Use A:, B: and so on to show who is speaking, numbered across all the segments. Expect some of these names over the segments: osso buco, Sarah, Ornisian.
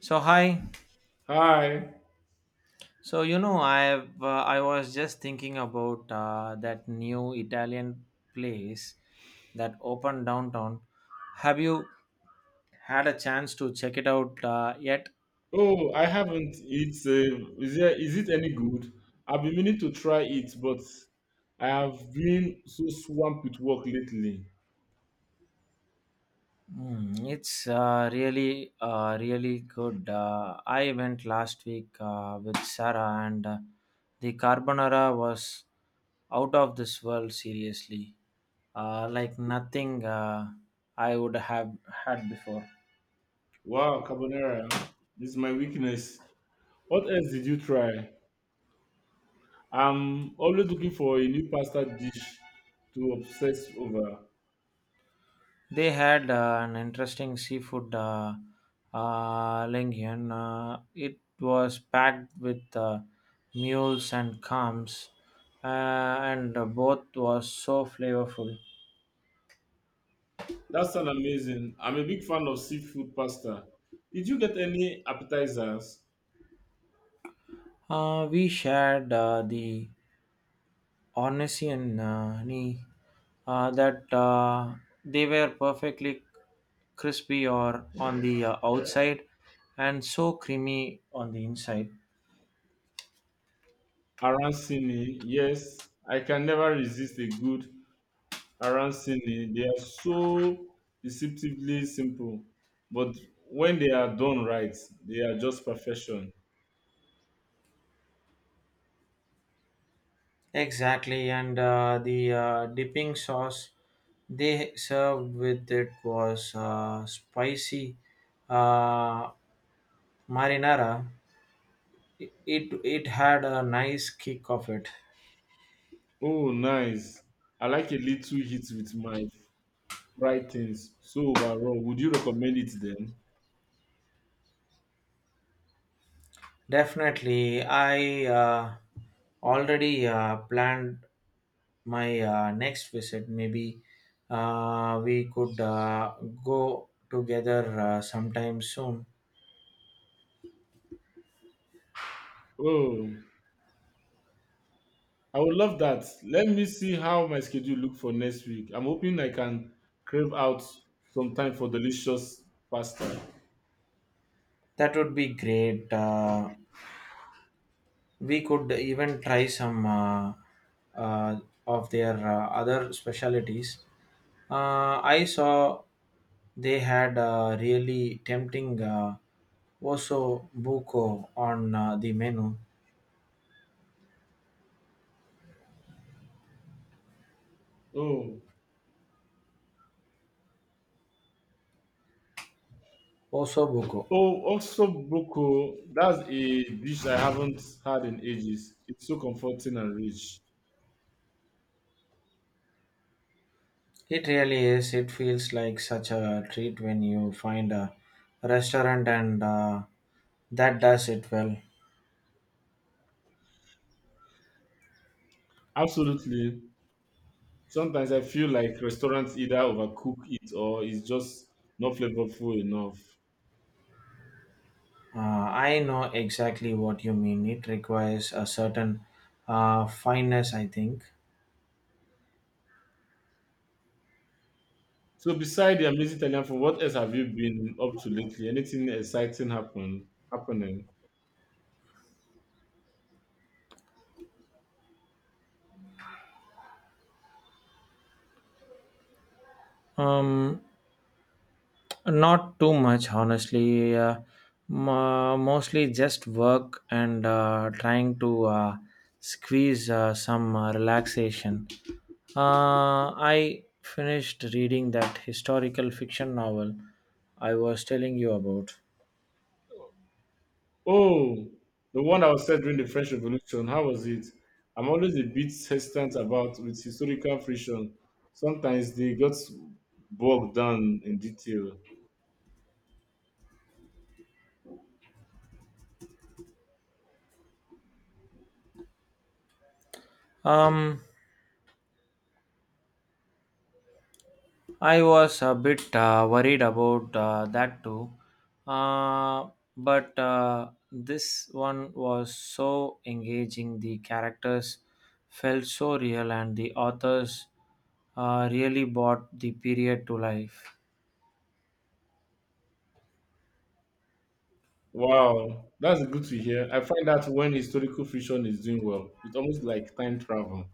A: So hi.
B: Hi.
A: So I've I was just thinking about that new Italian place that opened downtown. Have you had a chance to check it out yet?
B: Oh, I haven't. It's is there, is it any good? I've been meaning to try it, but I have been so swamped with work lately.
A: Mm, it's really really good. I went last week with Sarah, and the carbonara was out of this world. Seriously, like nothing I would have had before.
B: Wow, carbonara. This is my weakness. What else did you try? I'm always looking for a new pasta dish to obsess over.
A: They had an interesting seafood linguine. It was packed with mules and calms, and both was so flavorful.
B: That sounds amazing. I'm a big fan of seafood pasta. Did you get any appetizers?
A: We shared the Ornisian knee, that they were perfectly crispy or on the outside and so creamy on the inside.
B: Arancini, yes. I can never resist a good around Sydney, they are so deceptively simple. But when they are done right, they are just perfection.
A: Exactly, and the dipping sauce they served with it was spicy uh, marinara. It had a nice kick of it.
B: Oh, nice. I like a little hit with my fried things. So overall, would you recommend it then?
A: Definitely, I already planned my next visit. Maybe we could go together sometime soon.
B: Oh, I would love that. Let me see how my schedule look for next week. I'm hoping I can crave out some time for delicious pasta.
A: That would be great. We could even try some uh, of their other specialities. I saw they had a really tempting osso buco on the menu.
B: Oh,
A: Osso buco.
B: oh, also boko. That's a dish I haven't had in ages. It's so comforting and rich.
A: It really is. It feels like such a treat when you find a restaurant and that does it well.
B: Absolutely. Sometimes I feel like restaurants either overcook it or it's just not flavorful enough.
A: I know exactly what you mean. It requires a certain fineness, I think.
B: So, beside the amazing Italian food, what else have you been up to lately? Anything exciting happening?
A: Um, Not too much, honestly. Mostly just work and trying to squeeze some relaxation. I finished reading that historical fiction novel I was telling you about.
B: Oh, the one I was said during the French Revolution. How was it? I'm always a bit hesitant about with historical fiction. Sometimes they got bogged down in detail.
A: Um, I was a bit worried about that too, uh, but this one was so engaging. The characters felt so real, and the authors really brought the period to life.
B: Wow, that's good to hear. I find that when historical fiction is doing well, it's almost like time travel.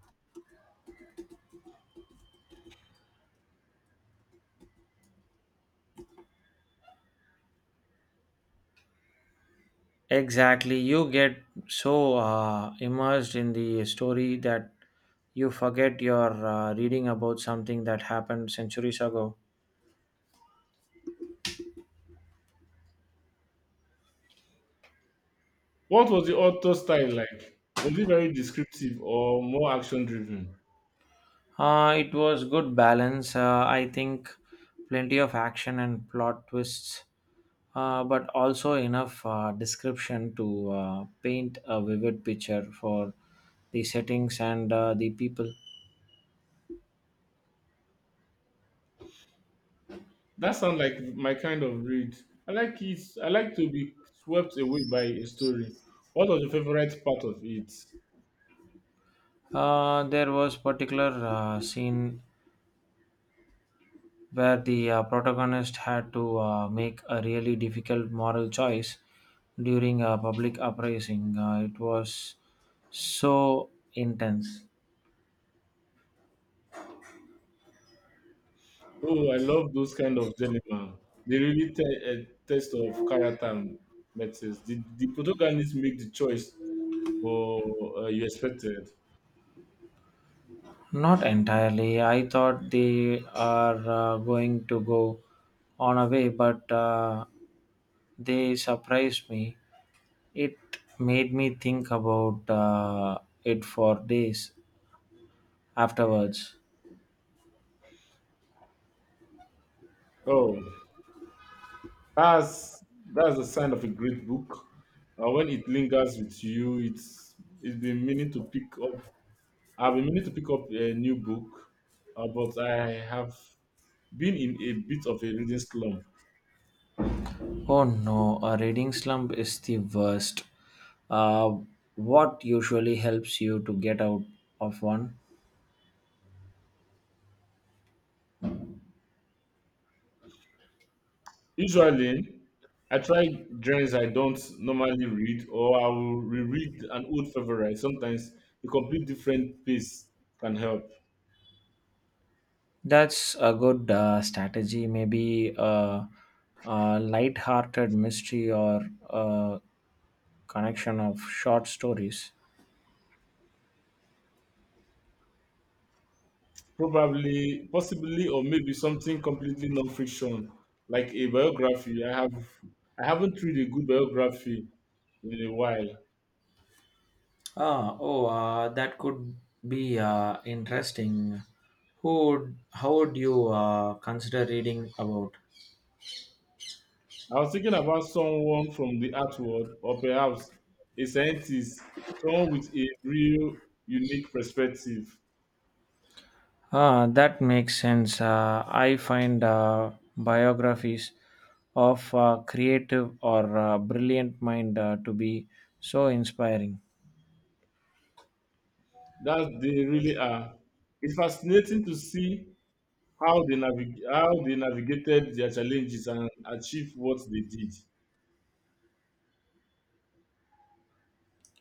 A: Exactly, you get so immersed in the story that you forget you're reading about something that happened centuries ago.
B: What was the author style like? Was it very descriptive or more action driven?
A: It was good balance. I think plenty of action and plot twists, but also enough description to paint a vivid picture for the settings and the people.
B: That sounds like my kind of read. I like it. I like to be swept away by a story. What was your favorite part of it?
A: There was particular scene where the protagonist had to make a really difficult moral choice during a public uprising. It was so intense.
B: Oh, I love those kind of dilemma. They really a test of character and matters. The protagonist make the choice for you expected.
A: Not entirely. I thought they are going to go on away, but they surprised me. It made me think about it for days afterwards.
B: Oh, that's that's a sign of a great book. When it lingers with you, it's been meaning to pick up. I've been meaning to pick up a new book, but I have been in a bit of a reading slump.
A: Oh no, a reading slump is the worst. Uh, what usually helps you to get out of one?
B: Usually, I try journals I don't normally read, or I will reread an old favorite. Sometimes a complete different pace can help.
A: That's a good strategy. Maybe a light-hearted mystery or a Connection of short stories.
B: Probably, possibly, or maybe something completely non-fiction, like a biography. I have, I haven't read a good biography in a while.
A: Oh, that could be interesting. How would you consider reading about?
B: I was thinking about someone from the art world, or perhaps a scientist, someone with a real unique perspective.
A: Ah, that makes sense. I find biographies of creative or brilliant mind to be so inspiring.
B: That they really are. It's fascinating to see how they how they navigated their challenges and achieved what they did.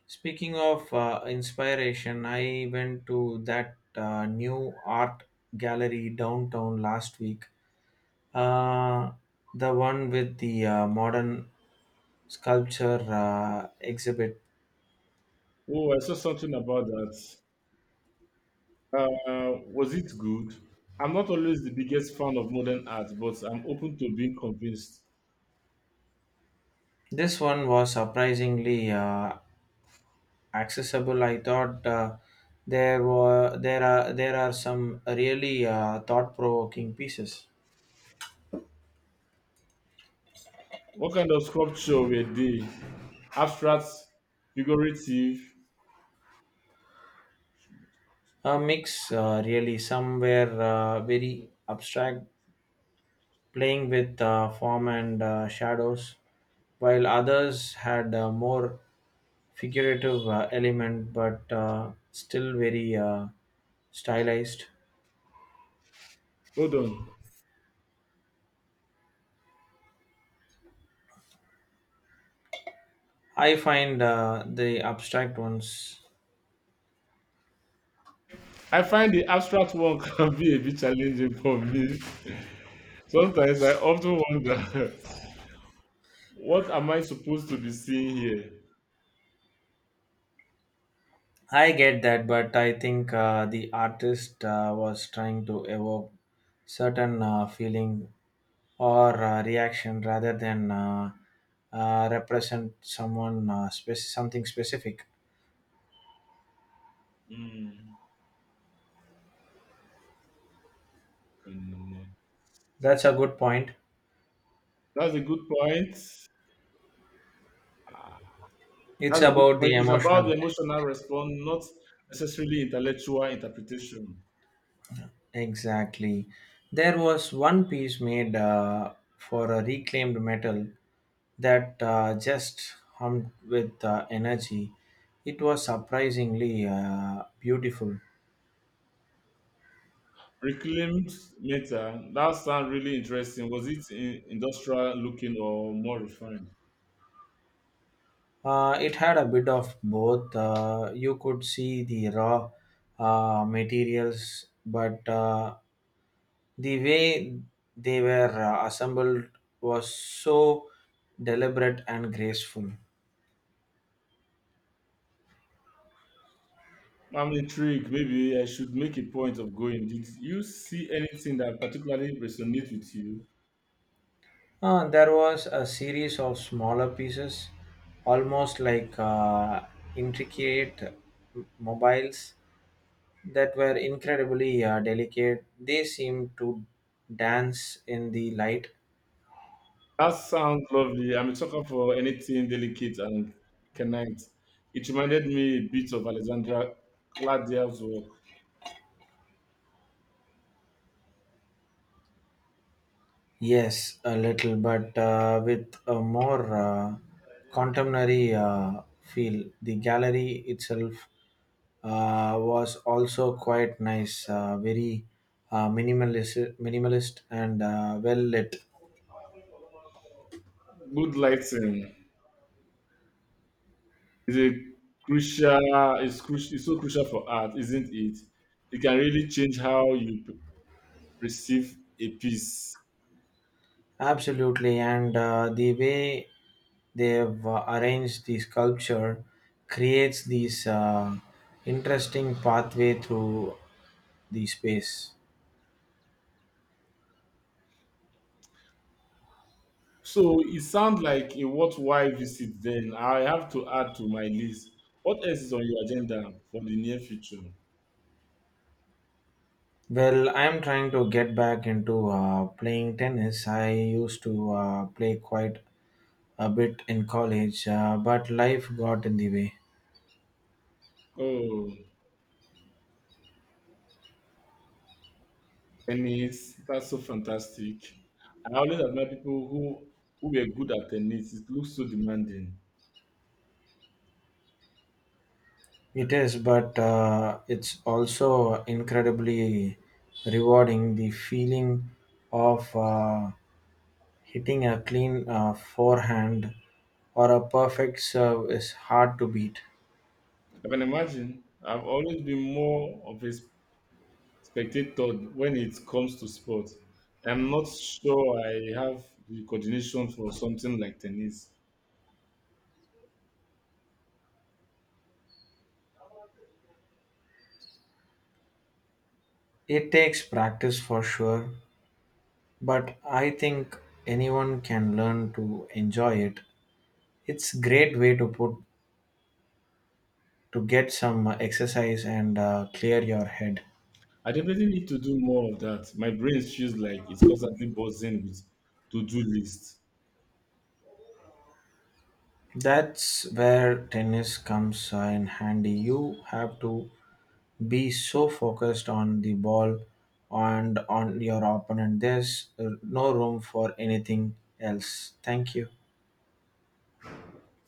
A: Speaking of inspiration, I went to that new art gallery downtown last week. Uh, the one with the modern sculpture exhibit.
B: Oh, I saw something about that. Was it good? I'm not always the biggest fan of modern art, but I'm open to being convinced.
A: This one was surprisingly accessible. I thought there are some really thought provoking pieces.
B: What kind of sculpture were they? Abstract, figurative.
A: A mix, really, some were very abstract playing with form and shadows, while others had a more figurative element but still very stylized.
B: Hold on.
A: I find the abstract ones.
B: I find the abstract one can be a bit challenging for me. Sometimes I often wonder what am I supposed to be seeing here?
A: I get that, but I think the artist was trying to evoke certain feeling or reaction rather than represent something specific.
B: Mm, mm,
A: That's a good point.
B: that's a good point. Ah,
A: It's
B: that's a good
A: about the
B: point. It's about
A: emotional.
B: the emotional response, not necessarily intellectual interpretation.
A: Exactly. There was one piece made for a reclaimed metal that just hummed with energy. It was surprisingly beautiful.
B: Reclaimed meta. That sounds really interesting. Was it industrial looking or more refined?
A: It had a bit of both. You could see the raw materials, but the way they were assembled was so deliberate and graceful.
B: I'm intrigued. Maybe I should make a point of going. Did you see anything that particularly resonates with you?
A: There was a series of smaller pieces, almost like mobiles that were incredibly delicate. They seemed to dance in the light.
B: That sounds lovely. I'm a sucker for anything delicate and canite. It reminded me a bit of Alexandra Claudia's work.
A: Yes, a little, but with a more contemporary feel. The gallery itself was also quite nice, very minimalist and well lit.
B: Good lighting is a crucial. It's crucial. It's so crucial for art, isn't it? It can really change how you perceive a piece.
A: Absolutely, and the way they've arranged the sculpture creates this interesting pathway through the space.
B: So it sounds like a worthwhile visit. Then I have to add to my list. What else is on your agenda for the near future?
A: Well, I'm trying to get back into playing tennis. I used to play quite a bit in college, but life got in the way.
B: Oh. Tennis, that's so fantastic. I always admire people who were good at tennis. It looks so demanding.
A: It is, but it's also incredibly rewarding the feeling of. Hitting a clean forehand or a perfect serve is hard to beat.
B: I can imagine. I've always been more of a spectator when it comes to sports. I'm not sure I have the coordination for something like tennis.
A: It takes practice for sure, but I think anyone can learn to enjoy it. It's great way to put to get some exercise and clear your head.
B: I definitely need to do more of that. My brain feels like it's constantly buzzing with to-do lists.
A: That's where tennis comes in handy. You have to be so focused on the ball and on your opponent. There's no room for anything else. Thank you.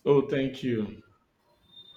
B: Oh, thank you.